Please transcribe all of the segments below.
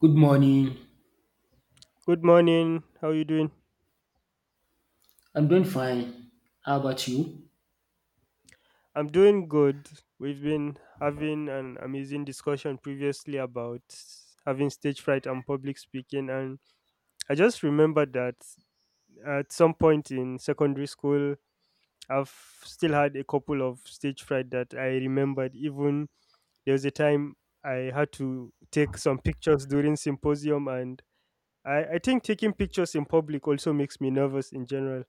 Good morning. Good morning. How you doing? I'm doing fine. How about you? I'm doing good. We've been having an amazing discussion previously about having stage fright and public speaking, and I just remembered that at some point in secondary school I've still had a couple of stage fright that I remembered. Even there was a time I had to take some pictures during symposium, and I think taking pictures in public also makes me nervous in general.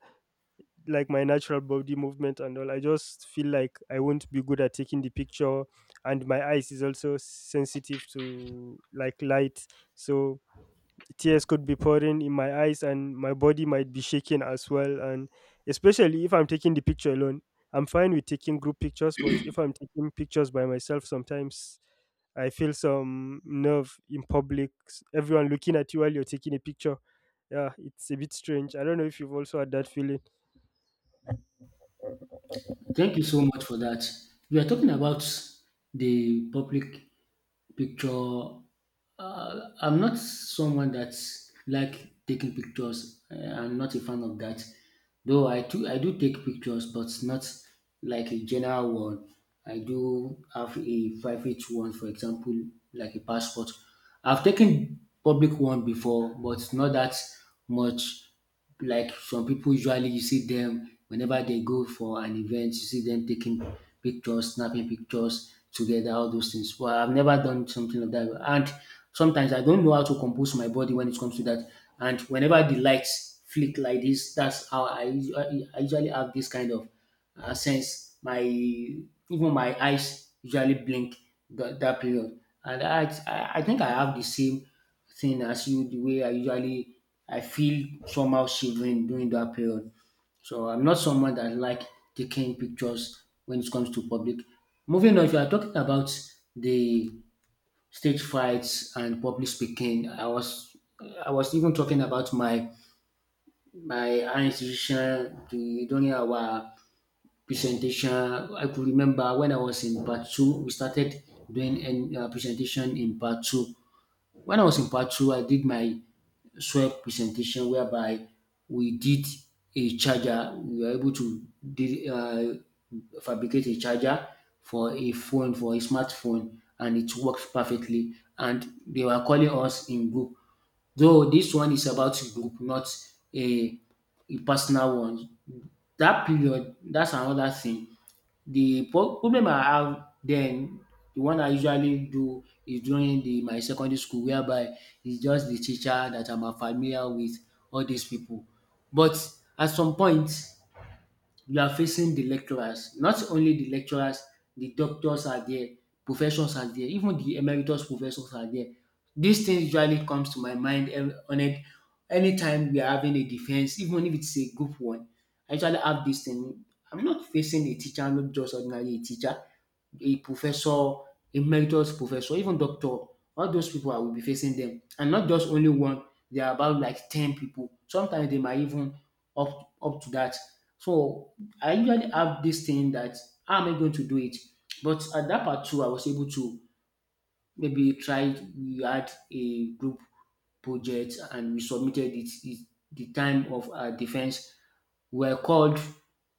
Like my natural body movement and all, I just feel like I won't be good at taking the picture, and my eyes is also sensitive to like light, so tears could be pouring in my eyes and my body might be shaking as well, and especially if I'm taking the picture alone. I'm fine with taking group pictures, but if I'm taking pictures by myself sometimes I feel some nerve in public. Everyone looking at you while you're taking a picture. Yeah, it's a bit strange. I don't know if you've also had that feeling. Thank you so much for that. We are talking about the public picture. I'm not someone that's like taking pictures. I'm not a fan of that. Though I do take pictures, but not like a general one. I do have a private one, for example, like a passport. I've taken public one before, but not that much. Like some people usually you see them whenever they go for an event, you see them taking pictures, snapping pictures together, all those things. Well, I've never done something like that. And sometimes I don't know how to compose my body when it comes to that. And whenever the lights flick like this, that's how I usually have this kind of sense. My even my eyes usually blink that period, and I think I have the same thing as you, the way I usually I feel somehow shivering during that period. So I'm not someone that like taking pictures when it comes to public. Moving on, if you are talking about the stage frights and public speaking, I was even talking about my higher institution the, during our presentation. I could remember when I was in part two, we started doing a presentation in part two. When I was in part two, I did my SWOT presentation whereby we did a charger. We were able to did, uh, fabricate a charger for a phone, for a smartphone, and it worked perfectly. And they were calling us in group. Though this one is about group, not a, a personal one. That period, that's another thing. The problem I have then, the one I usually do is during the my secondary school, whereby it's just the teacher that I'm familiar with all these people. But at some point you are facing the lecturers. Not only the lecturers, the doctors are there, professors are there, even the emeritus professors are there. This thing usually comes to my mind on it anytime we are having a defense, even if it's a group one. I usually have this thing. I'm not facing a teacher, not just ordinarily a teacher, a professor, emeritus professor, even doctor. All those people I will be facing them. And not just only one, they are about like 10 people. Sometimes they might even up to that. So I usually have this thing that how am I going to do it? But at that part two, I was able to maybe you tried we had a group project and we submitted it it the time of our defense we were called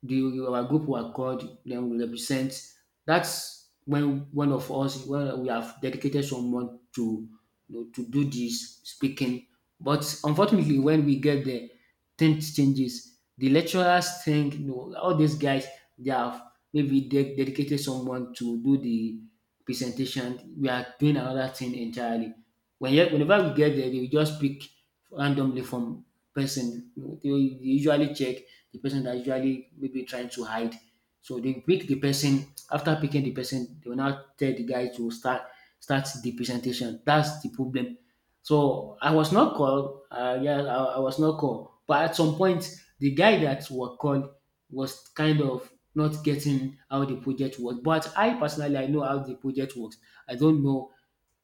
the our group were called, then we represent. That's when one of us when we have dedicated someone to, you know, to do this speaking, but unfortunately when we get there things changes, the lecturers think you know all these guys they have maybe they dedicated someone to do the presentation, we are doing another thing entirely. When yet, whenever we get there, they will just pick randomly from person. They will usually check the person that usually maybe trying to hide. So they pick the person. After picking the person, they will now tell the guy to start the presentation. That's the problem. So I was not called. Yeah, I was not called. But at some point, the guy that was called was kind of not getting how the project works. But I personally, I know how the project works. I don't know,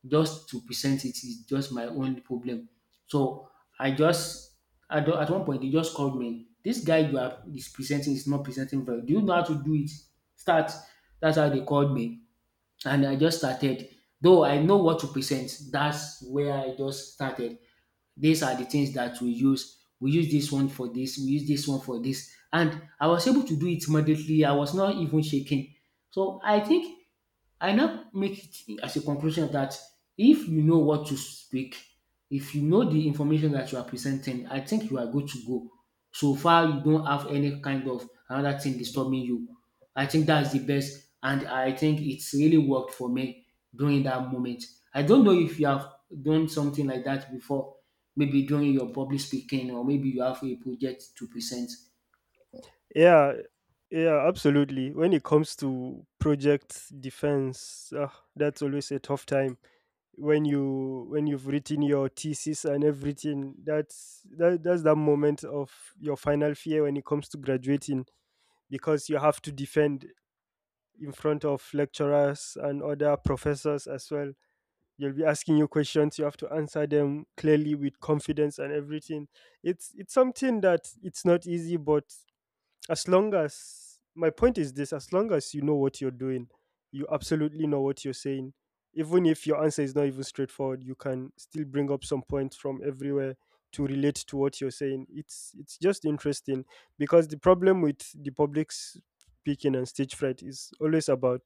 just to present it is just my own problem. So I just at one point they just called me. This guy you are is presenting is not presenting well. Do you know how to do it? Start. That's how they called me, and I just started. Though I know what to present, that's where I just started. These are the things that we use. We use this one for this, we use this one for this. And I was able to do it immediately. I was not even shaking. So I think I now make it as a conclusion that if you know what to speak, if you know the information that you are presenting, I think you are good to go. So far, you don't have any kind of another thing disturbing you. I think that's the best, and I think it's really worked for me during that moment. I don't know if you have done something like that before, maybe during your public speaking, or maybe you have a project to present. Yeah, yeah, absolutely. When it comes to project defense, that's always a tough time. When you've written your thesis and everything, that's that moment of your final fear when it comes to graduating, because you have to defend in front of lecturers and other professors as well. You will be asking you questions. You have to answer them clearly with confidence and everything. It's something that it's not easy, but as long as, my point is this, as long as you know what you're doing, you absolutely know what you're saying. Even if your answer is not even straightforward, you can still bring up some points from everywhere to relate to what you're saying. It's just interesting, because the problem with the public speaking and stage fright is always about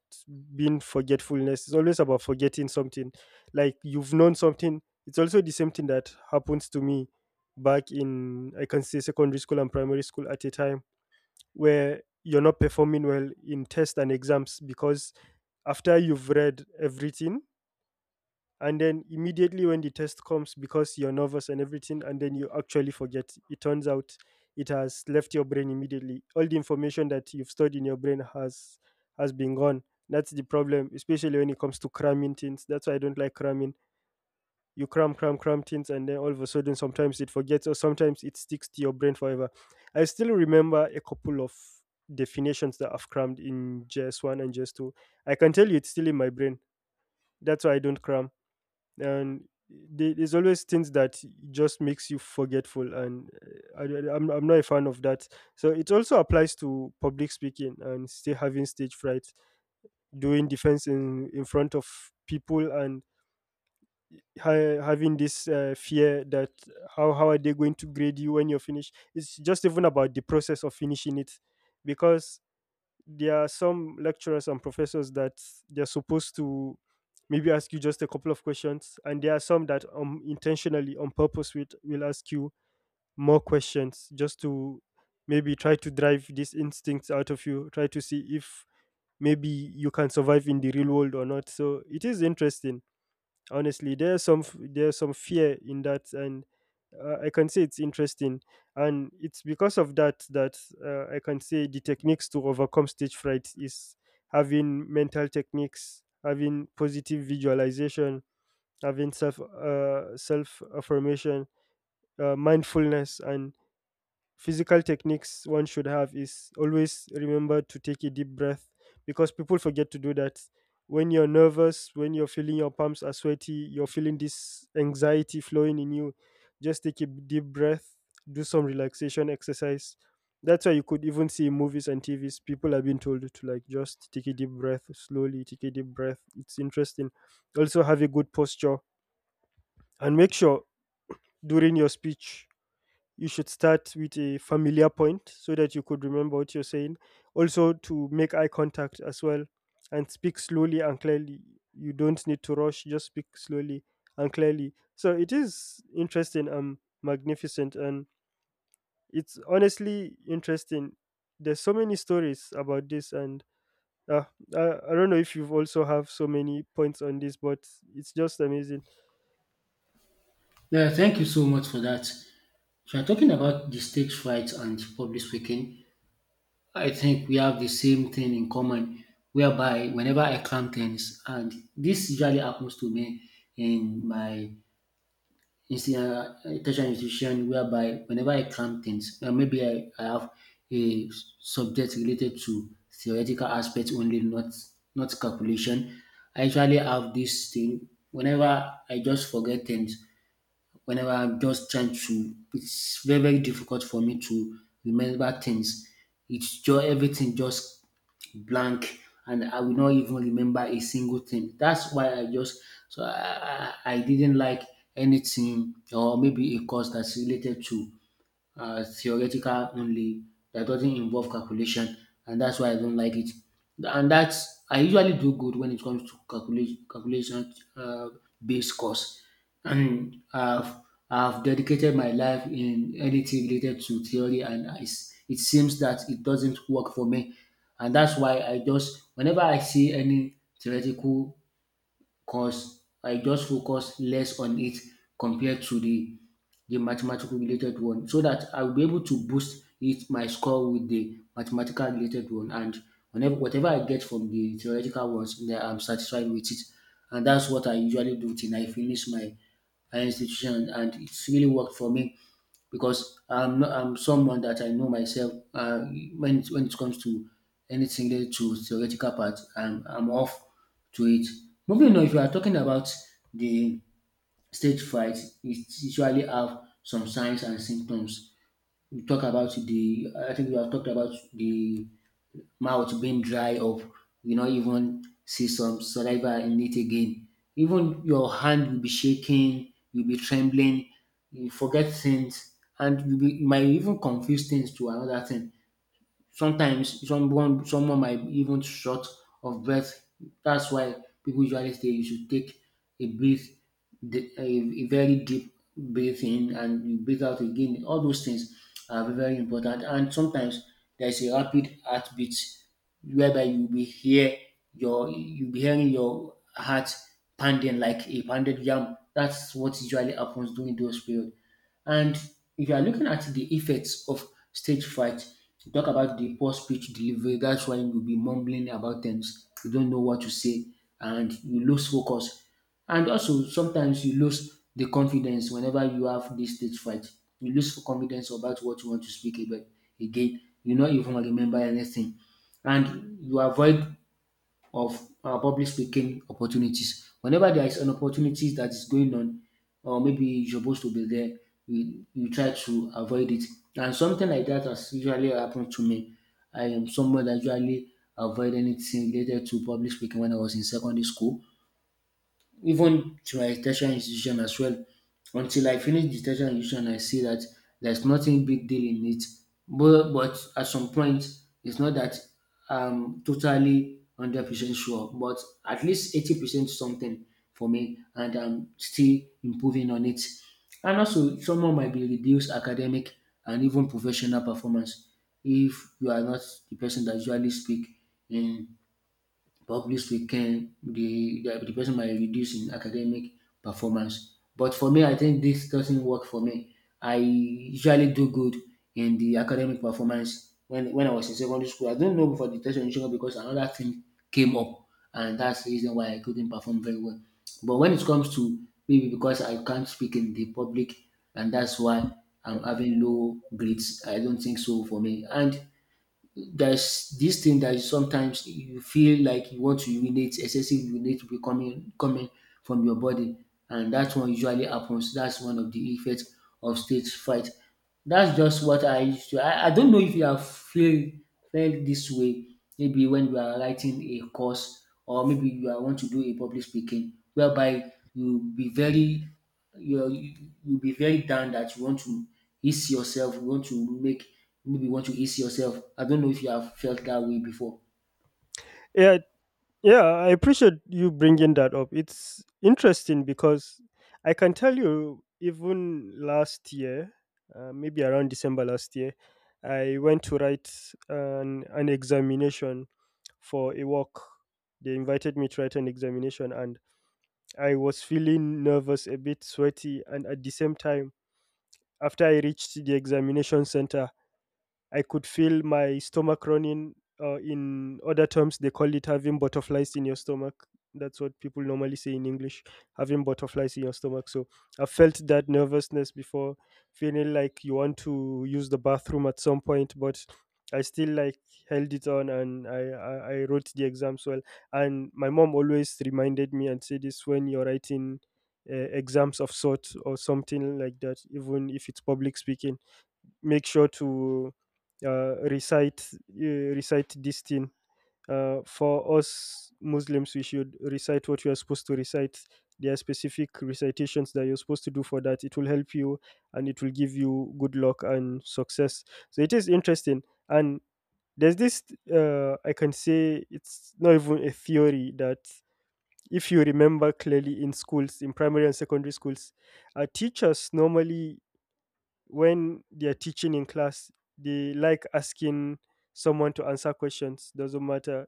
being forgetfulness. It's always about forgetting something, like you've known something. It's also the same thing that happens to me back in, I can say, secondary school and primary school, at a time where you're not performing well in tests and exams, because after you've read everything, and then immediately when the test comes, because you're nervous and everything, and then you actually forget. It turns out it has left your brain immediately. All the information that you've stored in your brain has been gone. That's the problem, especially when it comes to cramming things. That's why I don't like cramming. You cram, cram, cram things, and then all of a sudden, sometimes it forgets, or sometimes it sticks to your brain forever. I still remember a couple of definitions that I've crammed in JS1 and JS2. I can tell you it's still in my brain. That's why I don't cram. And there's always things that just makes you forgetful, and I, am I'm not a fan of that. So it also applies to public speaking and still having stage fright, doing defense in front of people, and having this fear that how are they going to grade you when you're finished. It's just even about the process of finishing it, because there are some lecturers and professors that they're supposed to maybe ask you just a couple of questions, and there are some that intentionally, on purpose, will ask you more questions just to maybe try to drive these instincts out of you, try to see if maybe you can survive in the real world or not. So it is interesting. Honestly, there's some fear in that, and I can say it's interesting. And it's because of that I can say the techniques to overcome stage fright is having mental techniques, having positive visualization, having self self affirmation, mindfulness, and physical techniques. One should have is always remember to take a deep breath, because people forget to do that. When you're nervous, when you're feeling your palms are sweaty, you're feeling this anxiety flowing in you, just take a deep breath, do some relaxation exercise. That's why you could even see in movies and tvs people have been told to like just take a deep breath, slowly take a deep breath. It's interesting. Also have a good posture, and make sure during your speech you should start with a familiar point, so that you could remember what you're saying. Also, to make eye contact as well, and speak slowly and clearly. You don't need to rush, just speak slowly and clearly. So, it is interesting and magnificent, and it's honestly interesting. There's so many stories about this, and uh, I don't know if you've also have so many points on this, but it's just amazing. Yeah, thank you so much for that. So, I'm talking about the stage fright and public speaking. I think we have the same thing in common, whereby whenever I climb things, and this usually happens to me in my insti- uh, tertiary institution, whereby whenever I climb things, maybe I have a subject related to theoretical aspects only, not calculation. I usually have this thing whenever I just forget things. Whenever I'm just trying to, it's very difficult for me to remember things. It's just everything just blank and I will not even remember a single thing. That's why I just so I didn't like anything or maybe a course that's related to theoretical only that doesn't involve calculation, and that's why I don't like it. And that's I usually do good when it comes to calculation based course, and I've dedicated my life in anything related to theory and I s it seems that it doesn't work for me, and that's why I just whenever I see any theoretical cause I just focus less on it compared to the mathematical related one so that I will be able to boost it my score with the mathematical related one, and whenever whatever I get from the theoretical ones then I'm satisfied with it, and that's what I usually do till I finish my higher institution and it's really worked for me because I'm not, I'm someone that I know myself. When when it comes to anything related to theoretical part, I'm off to it. Moving on, if you are talking about the stage fright, it usually have some signs and symptoms. We talk about the I think we have talked about the mouth being dry up, you not even see some saliva in it again. Even your hand will be shaking, you'll be trembling, you forget things, and you might even confuse things to another thing. Sometimes someone might be even short of breath. That's why people usually say you should take a breath, the- a, a very deep breath in and you breathe out again. All those things are very important. And sometimes there is a rapid heartbeat whereby your you be hearing your heart pounding like a pounded yam. That's what usually happens during those period. And if you are looking at the effects of stage fright, you talk about the poor speech delivery. That's why you'll be mumbling about things. You don't know what to say and you lose focus. And also, sometimes you lose the confidence whenever you have this stage fright. You lose confidence about what you want to speak about again. You not even remember anything. And you avoid of public speaking opportunities. Whenever there is an opportunity that is going on, or maybe you're supposed to be there, you try to avoid it. And something like that has usually happened to me. I am someone that usually avoid anything related to public speaking when I was in secondary school, even to my tertiary institution as well. Until I finish the tertiary institution, I see that there's nothing big deal in it. But at some point, it's not that I'm totally 100% sure, but at least 80% something for me, and I'm still improving on it. And also, someone might be reduced academic and even professional performance if you are not the person that usually speak in but publicly can the person might reduce in academic performance. But for me, I think this doesn't work for me. I usually do good in the academic performance when I was in secondary school. I don't know for the test orientation because another thing came up, and that's the reason why I couldn't perform very well. But when it comes to maybe because I can't speak in the public, and that's why I'm having low grades, I don't think so for me. And there's this thing that is sometimes you feel like you want to urinate, excessive urinate will be coming from your body and that one usually happens. That's one of the effects of stage fright. That's just what I used to I don't know if you have feel felt this way maybe when you are writing a course or maybe you are want to do a public speaking whereby you be very you you be very down that you want to ease yourself, you want to make maybe you want to ease yourself. I don't know if you have felt that way before. Yeah, Yeah, I appreciate you bringing that up. It's interesting because I can tell you, even last year, maybe around December last year, I went to write an examination for a work. They invited me to write an examination, and I was feeling nervous, a bit sweaty, and at the same time, after I reached the examination center, I could feel my stomach running. In other terms, they call it having butterflies in your stomach. That's what people normally say in English, having butterflies in your stomach. So I felt that nervousness before, feeling like you want to use the bathroom at some point, but I still like held it on, and I wrote the exams well. And my mom always reminded me and said this: when you're writing exams of sort or something like that, even if it's public speaking, make sure to uh, recite uh, recite this thing. For us Muslims, we should recite what you are supposed to recite. There are specific recitations that you're supposed to do for that. It will help you, and it will give you good luck and success. So it is interesting. And there's this, I can say it's not even a theory, that if you remember clearly in schools, in primary and secondary schools, our teachers normally, when they're teaching in class, they like asking someone to answer questions, doesn't matter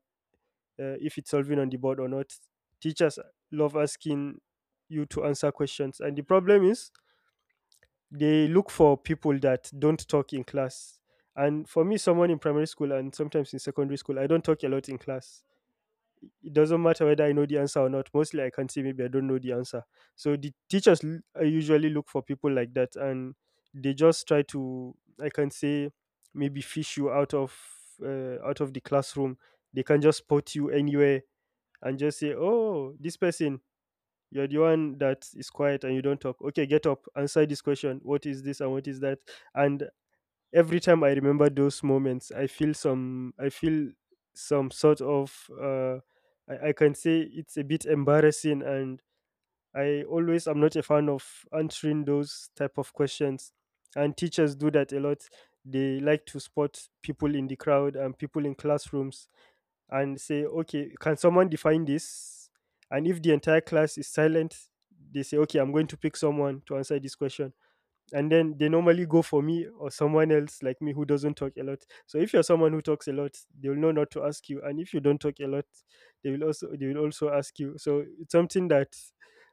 if it's solving on the board or not. Teachers love asking you to answer questions, and the problem is they look for people that don't talk in class. And for me, someone in primary school and sometimes in secondary school, I don't talk a lot in class. It doesn't matter whether I know the answer or not. Mostly, I can say maybe I don't know the answer. So the teachers usually look for people like that, and they just try to, I can say, maybe fish you out of the classroom. They can just spot you anywhere and just say, "Oh, this person. You're the one that is quiet and you don't talk. Okay, get up, answer this question. What is this and what is that?" And every time I remember those moments, I feel some sort of I can say it's a bit embarrassing, and I always am not a fan of answering those type of questions. And teachers do that a lot. They like to spot people in the crowd and people in classrooms and say, "Okay, can someone define this?" And if the entire class is silent, they say, "Okay, I'm going to pick someone to answer this question." And then they normally go for me or someone else like me who doesn't talk a lot. So if you're someone who talks a lot, they will know not to ask you, and if you don't talk a lot, they will also ask you. So it's something that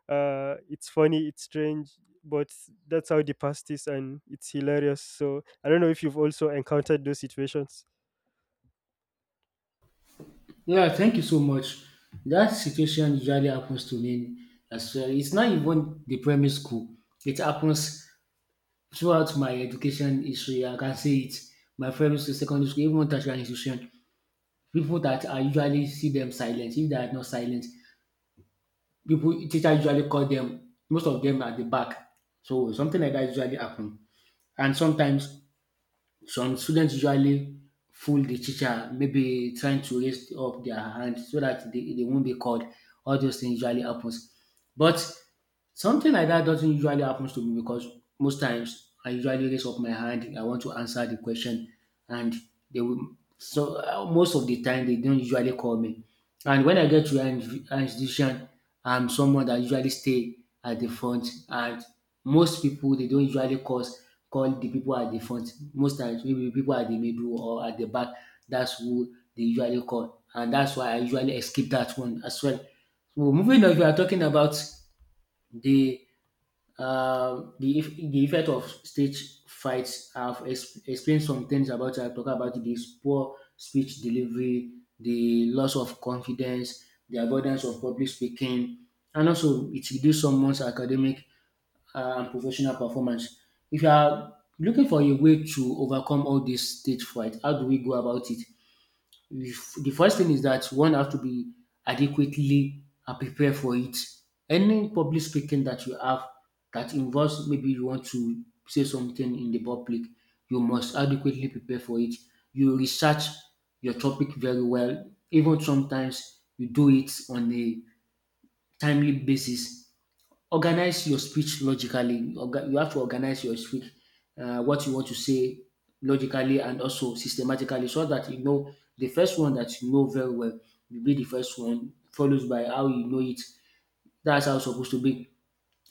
it's funny, it's strange, but that's how the past is, and it's hilarious. So I don't know if you've also encountered those situations. Yeah, thank you so much. That situation usually happens to me as well. It's not even the primary school. It happens throughout my education history, I can say it. My primary school, secondary school, even tertiary institution. People that I usually see them silent. If they are not silent, people teacher usually call them. Most of them at the back. So something like that usually happen. And sometimes some students usually fool the teacher, maybe trying to raise up their hand so that they won't be called. All those things usually happens. But something like that doesn't usually happen to me because most times I usually raise up my hand. I want to answer the question, and they will. So most of the time they don't usually call me. And when I get to an institution, I'm someone that usually stay at the front, and most people they don't usually call the people at the front. Most times maybe people at the middle or at the back, that's who they usually call. And that's why I usually skip that one as well. So moving on, we are talking about the the the effect of stage fights. I've explained some things about. I talk about this poor speech delivery, the loss of confidence, the avoidance of public speaking, and also it reduces someone's academic and professional performance. If you are looking for a way to overcome all this stage fright, how do we go about it? The first thing is that one has to be adequately and prepare for it. Any public speaking that you have that involves maybe you want to say something in the public, you must adequately prepare for it. You research your topic very well. Even sometimes you do it on a timely basis. Organize your speech logically. You have to organize your speech, what you want to say logically and also systematically, so that you know the first one that you know very well will be the first one, followed by how you know it. That's how it's supposed to be.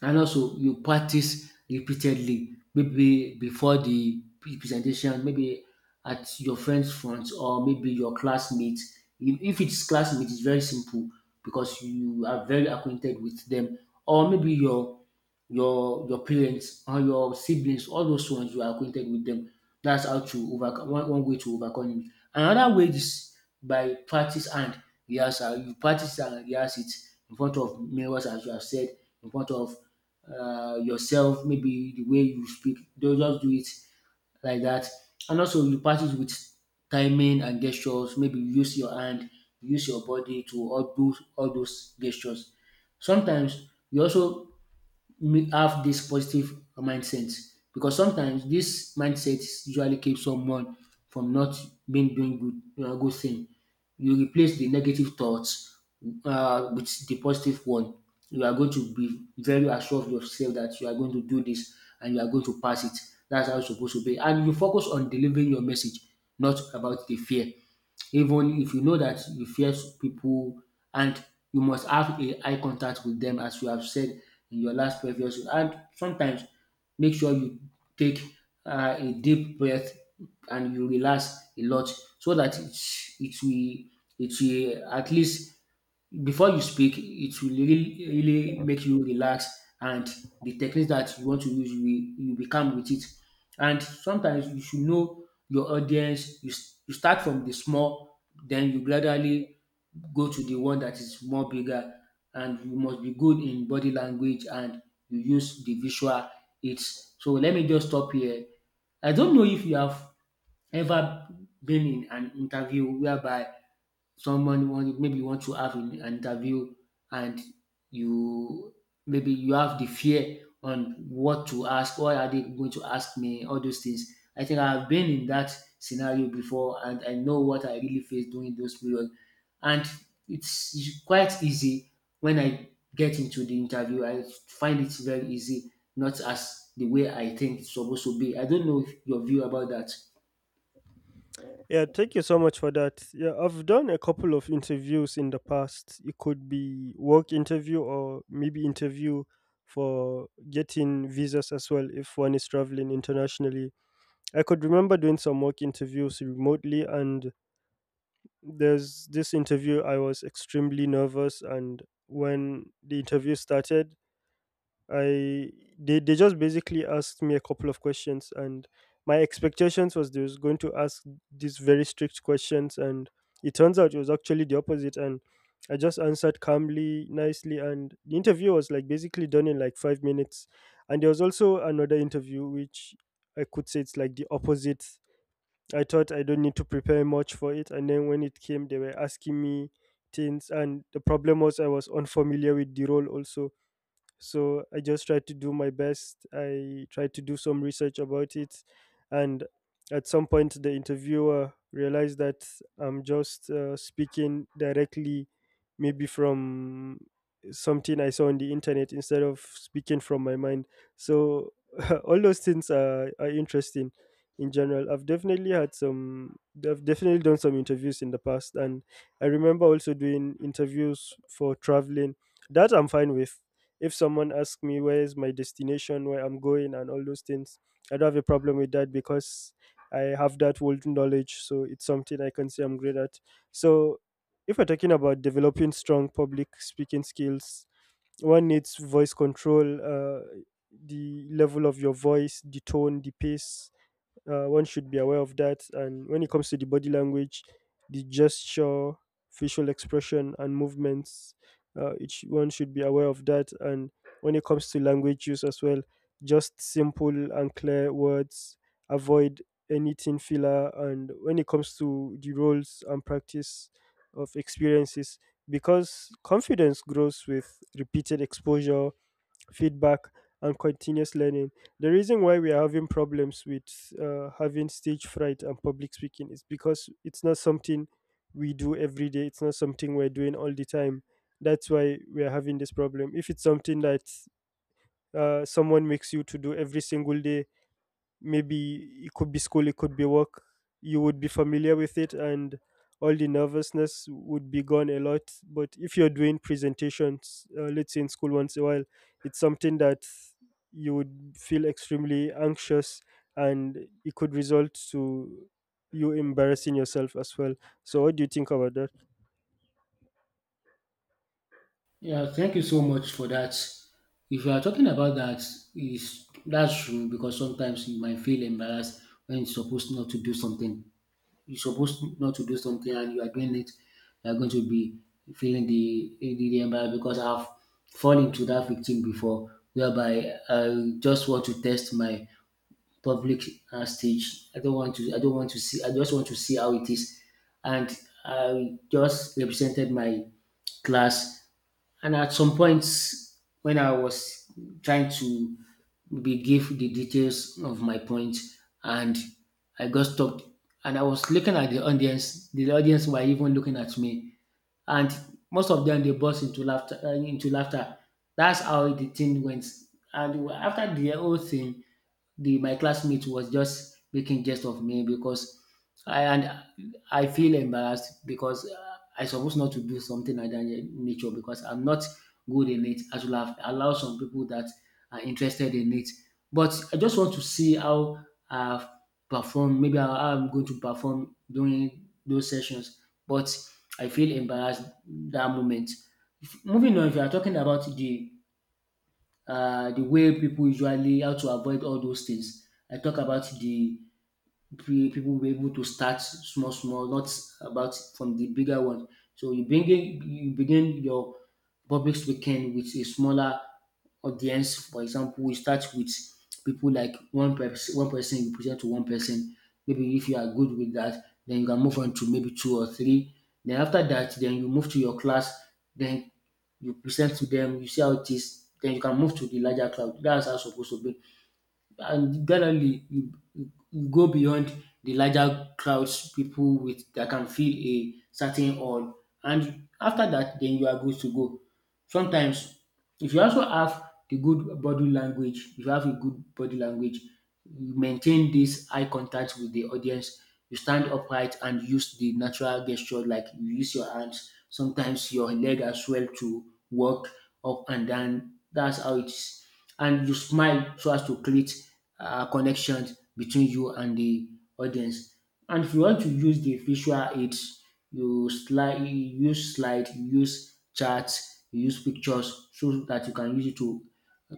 And also, you practice repeatedly, maybe before the presentation, maybe at your friend's front or maybe your classmate. If it's classmate, it's very simple because you are very acquainted with them, or maybe your your parents and your siblings, all those ones you are acquainted with them. That's how to overcome one way to overcome it. Another way is by practice and rehearsal. You practice and rehearse it in front of mirrors, as you have said, in front of yourself, maybe the way you speak. Don't just do it like that. And also you practice with timing and gestures. Maybe you use your hand, you use your body to all those gestures. Sometimes you also me have this positive mindset because sometimes this mindset usually keeps someone from not being doing good thing. You replace the negative thoughts with the positive one. You are going to be very assured of yourself that you are going to do this and you are going to pass it. That's how it's supposed to be. And you focus on delivering your message, not about the fear even if you know that you fear people, and you must have a eye contact with them as you have said in your last previous. And sometimes make sure you take a deep breath and you relax a lot so that it will at least before you speak, it will really, really make you relax, and the techniques that you want to use, you become with it. And sometimes you should know your audience. You start from the small, then you gradually go to the one that is more bigger, and you must be good in body language and you use the visual aids. So let me just stop here. I don't know if you have ever been in an interview whereby someone want maybe you want to have an interview and you maybe you have the fear on what to ask, what are they going to ask me, all those things. I think I've been in that scenario before and I know what I really face during those periods. And it's quite easy. When I get into the interview I find it very easy, not as the way I think it's supposed to be. I don't know your view about that. Yeah, thank you so much for that. Yeah, I've done a couple of interviews in the past. It could be work interview or maybe interview for getting visas as well if one is traveling internationally. I could remember doing some work interviews remotely, and there's this interview I was extremely nervous, and when the interview started, I they just basically asked me a couple of questions, and my expectations was they was going to ask these very strict questions, and it turns out it was actually the opposite, and I just answered calmly, nicely, and the interview was like basically done in like 5 minutes. And there was also another interview which I could say it's like the opposite. I thought I don't need to prepare much for it, and then when it came they were asking me things, and the problem was I was unfamiliar with the role also. So I just tried to do my best. I tried to do some research about it, and at some point the interviewer realized that I'm just speaking directly, maybe from something I saw on the internet instead of speaking from my mind. So all those things are interesting. In general, I've definitely had some. I've definitely done some interviews in the past, and I remember also doing interviews for traveling. That I'm fine with. If someone asks me where is my destination, where I'm going, and all those things, I don't have a problem with that, because I have that world knowledge. So it's something I can say I'm great at. So if we're talking about developing strong public speaking skills, one needs voice control, the level of your voice, the tone, the pace. One should be aware of that, and when it comes to the body language, the gesture, facial expression and movements, each one should be aware of that. And when it comes to language use as well, just simple and clear words, avoid anything filler. And when it comes to the roles and practice of experiences, because confidence grows with repeated exposure, feedback and continuous learning. The reason why we are having problems with having stage fright and public speaking is because it's not something we do every day. It's not something we're doing all the time. That's why we are having this problem. If it's something that someone makes you to do every single day, maybe it could be school, it could be work. You would be familiar with it, and all the nervousness would be gone a lot. But if you're doing presentations, let's say in school once a while, it's something that you would feel extremely anxious, and it could result to you embarrassing yourself as well. So, what do you think about that? Yeah, thank you so much for that. If you are talking about that, is that's true because sometimes you might feel embarrassed when you're supposed not to do something. You're supposed not to do something and you are doing it. You are going to be feeling the the embarrassment because I've fallen into that victim before, whereby I just want to test my public stage. I don't want to see. I just want to see how it is, and I just represented my class and at some point, when I was trying to be give the details of my point, and I got stopped, and I was looking at the audience. The audience were even looking at me, and most of them they burst into laughter. Into laughter. That's how the thing went. And after the whole thing, the my classmate was just making jest of me because I and I feel embarrassed because I supposed not to do something like that nature because I'm not good in it. I should have allowed some people that are interested in it. But I just want to see how I've performed. Maybe how I'm going to perform during those sessions. But I feel embarrassed that moment. Moving on, if you are talking about the way people usually how to avoid all those things. I talk about the people were able to start small, small, not about from the bigger one. So you bring in, you begin your public speaking with a smaller audience. For example, you start with people like one person you present to one person. Maybe if you are good with that, then you can move on to maybe two or three. Then after that, then you move to your class. Then you present to them, you see how it is, then you can move to the larger cloud. That's how it's supposed to be, and generally you go beyond the larger crowds, people with that can feel a certain awe, and after that then you are good to go. Sometimes if you also have the good body language, if you have a good body language, you maintain this eye contact with the audience, you stand upright and use the natural gesture like you use your hands, sometimes your leg as well to walk up and down. That's how it is. And you smile so as to create connections between you and the audience. And if you want to use the visual aids, you use slide, you use chart, you use pictures so that you can use it to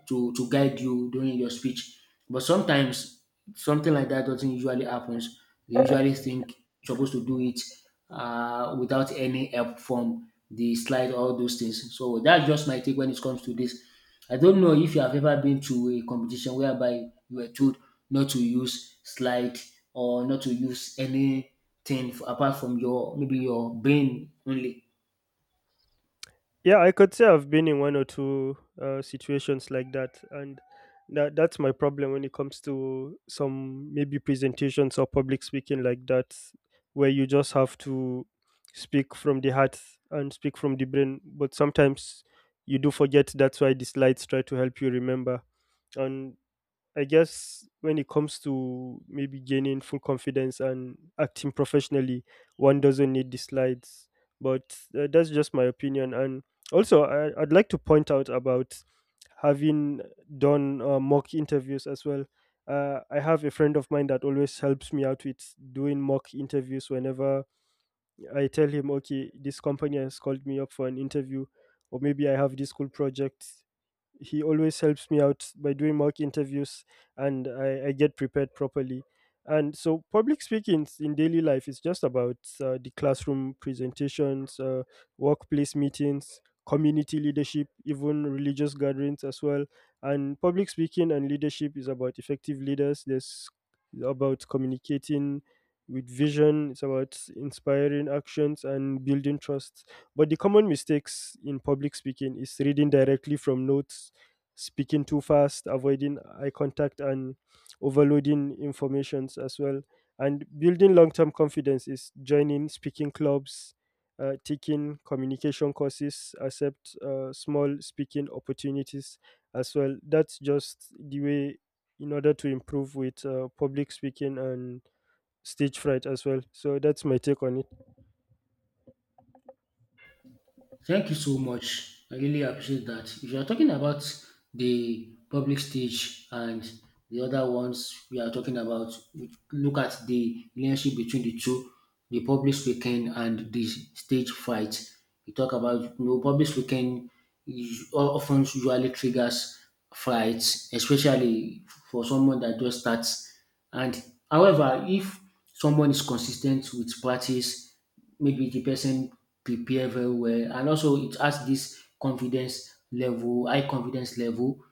to guide you during your speech. But sometimes something like that doesn't usually happens. They usually think you're supposed to do it without any help from the slide, all those things. So that's just my take when it comes to this. I don't know if you have ever been to a competition whereby you were told not to use slide or not to use anything apart from your maybe your brain only. Yeah, I could say I've been in one or two situations like that, and that's my problem when it comes to some maybe presentations or public speaking like that, where you just have to speak from the heart and speak from the brain. But sometimes you do forget. That's why the slides try to help you remember. And I guess when it comes to maybe gaining full confidence and acting professionally, one doesn't need the slides. But that's just my opinion. And also, I'd like to point out about having done mock interviews as well. I have a friend of mine that always helps me out with doing mock interviews whenever I tell him, okay, this company has called me up for an interview, or maybe I have this cool project. He always helps me out by doing mock interviews, and I get prepared properly. And so, public speaking in daily life is just about the classroom presentations, workplace meetings, community leadership, even religious gatherings as well. And public speaking and leadership is about effective leaders. There's about communicating with vision. It's about inspiring actions and building trust. But the common mistakes in public speaking is reading directly from notes, speaking too fast, avoiding eye contact, and overloading informations as well. And building long term confidence is joining speaking clubs, taking communication courses, accept small speaking opportunities as well. That's just the way in order to improve with public speaking and stage fright as well. So that's my take on it. Thank you so much. I really appreciate that. If you are talking about the public stage and the other ones we are talking about, look at the relationship between the two, the public speaking and the stage fight. We talk about you know, public speaking is often usually triggers fights, especially for someone that just starts. And however, if someone is consistent with practice maybe the person prepare very well and also it has this confidence level high confidence level,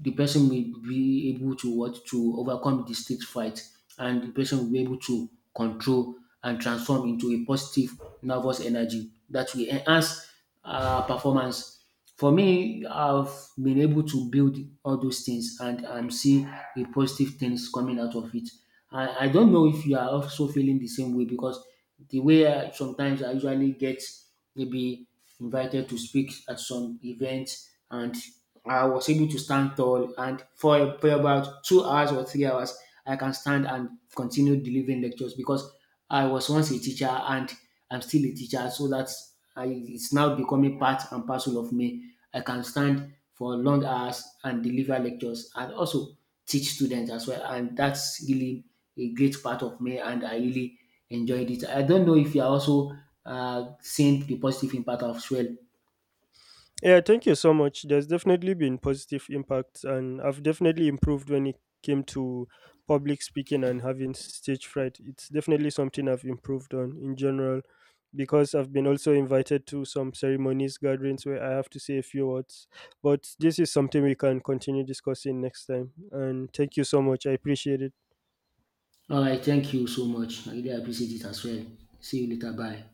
the person will be able to what to overcome the stage fright, and the person will be able to control and transform into a positive nervous energy that will enhance performance. For me, I've been able to build all those things and I'm seeing the positive things coming out of it. I don't know if you are also feeling the same way because the way sometimes I usually get maybe invited to speak at some events and I was able to stand tall, and for about 2 hours or 3 hours, I can stand and continue delivering lectures because I was once a teacher and I'm still a teacher, so it's now becoming part and parcel of me. I can stand for long hours and deliver lectures and also teach students as well, and that's really a great part of me, and I really enjoyed it. I don't know if you are also seeing the positive impact as well. Yeah, thank you so much. There's definitely been positive impacts, and I've definitely improved when it came to public speaking and having stage fright. It's definitely something I've improved on in general, because I've been also invited to some ceremonies, gatherings where I have to say a few words. But this is something we can continue discussing next time. And thank you so much. I appreciate it. Alright, thank you so much. I really appreciate it as well. See you later. Bye.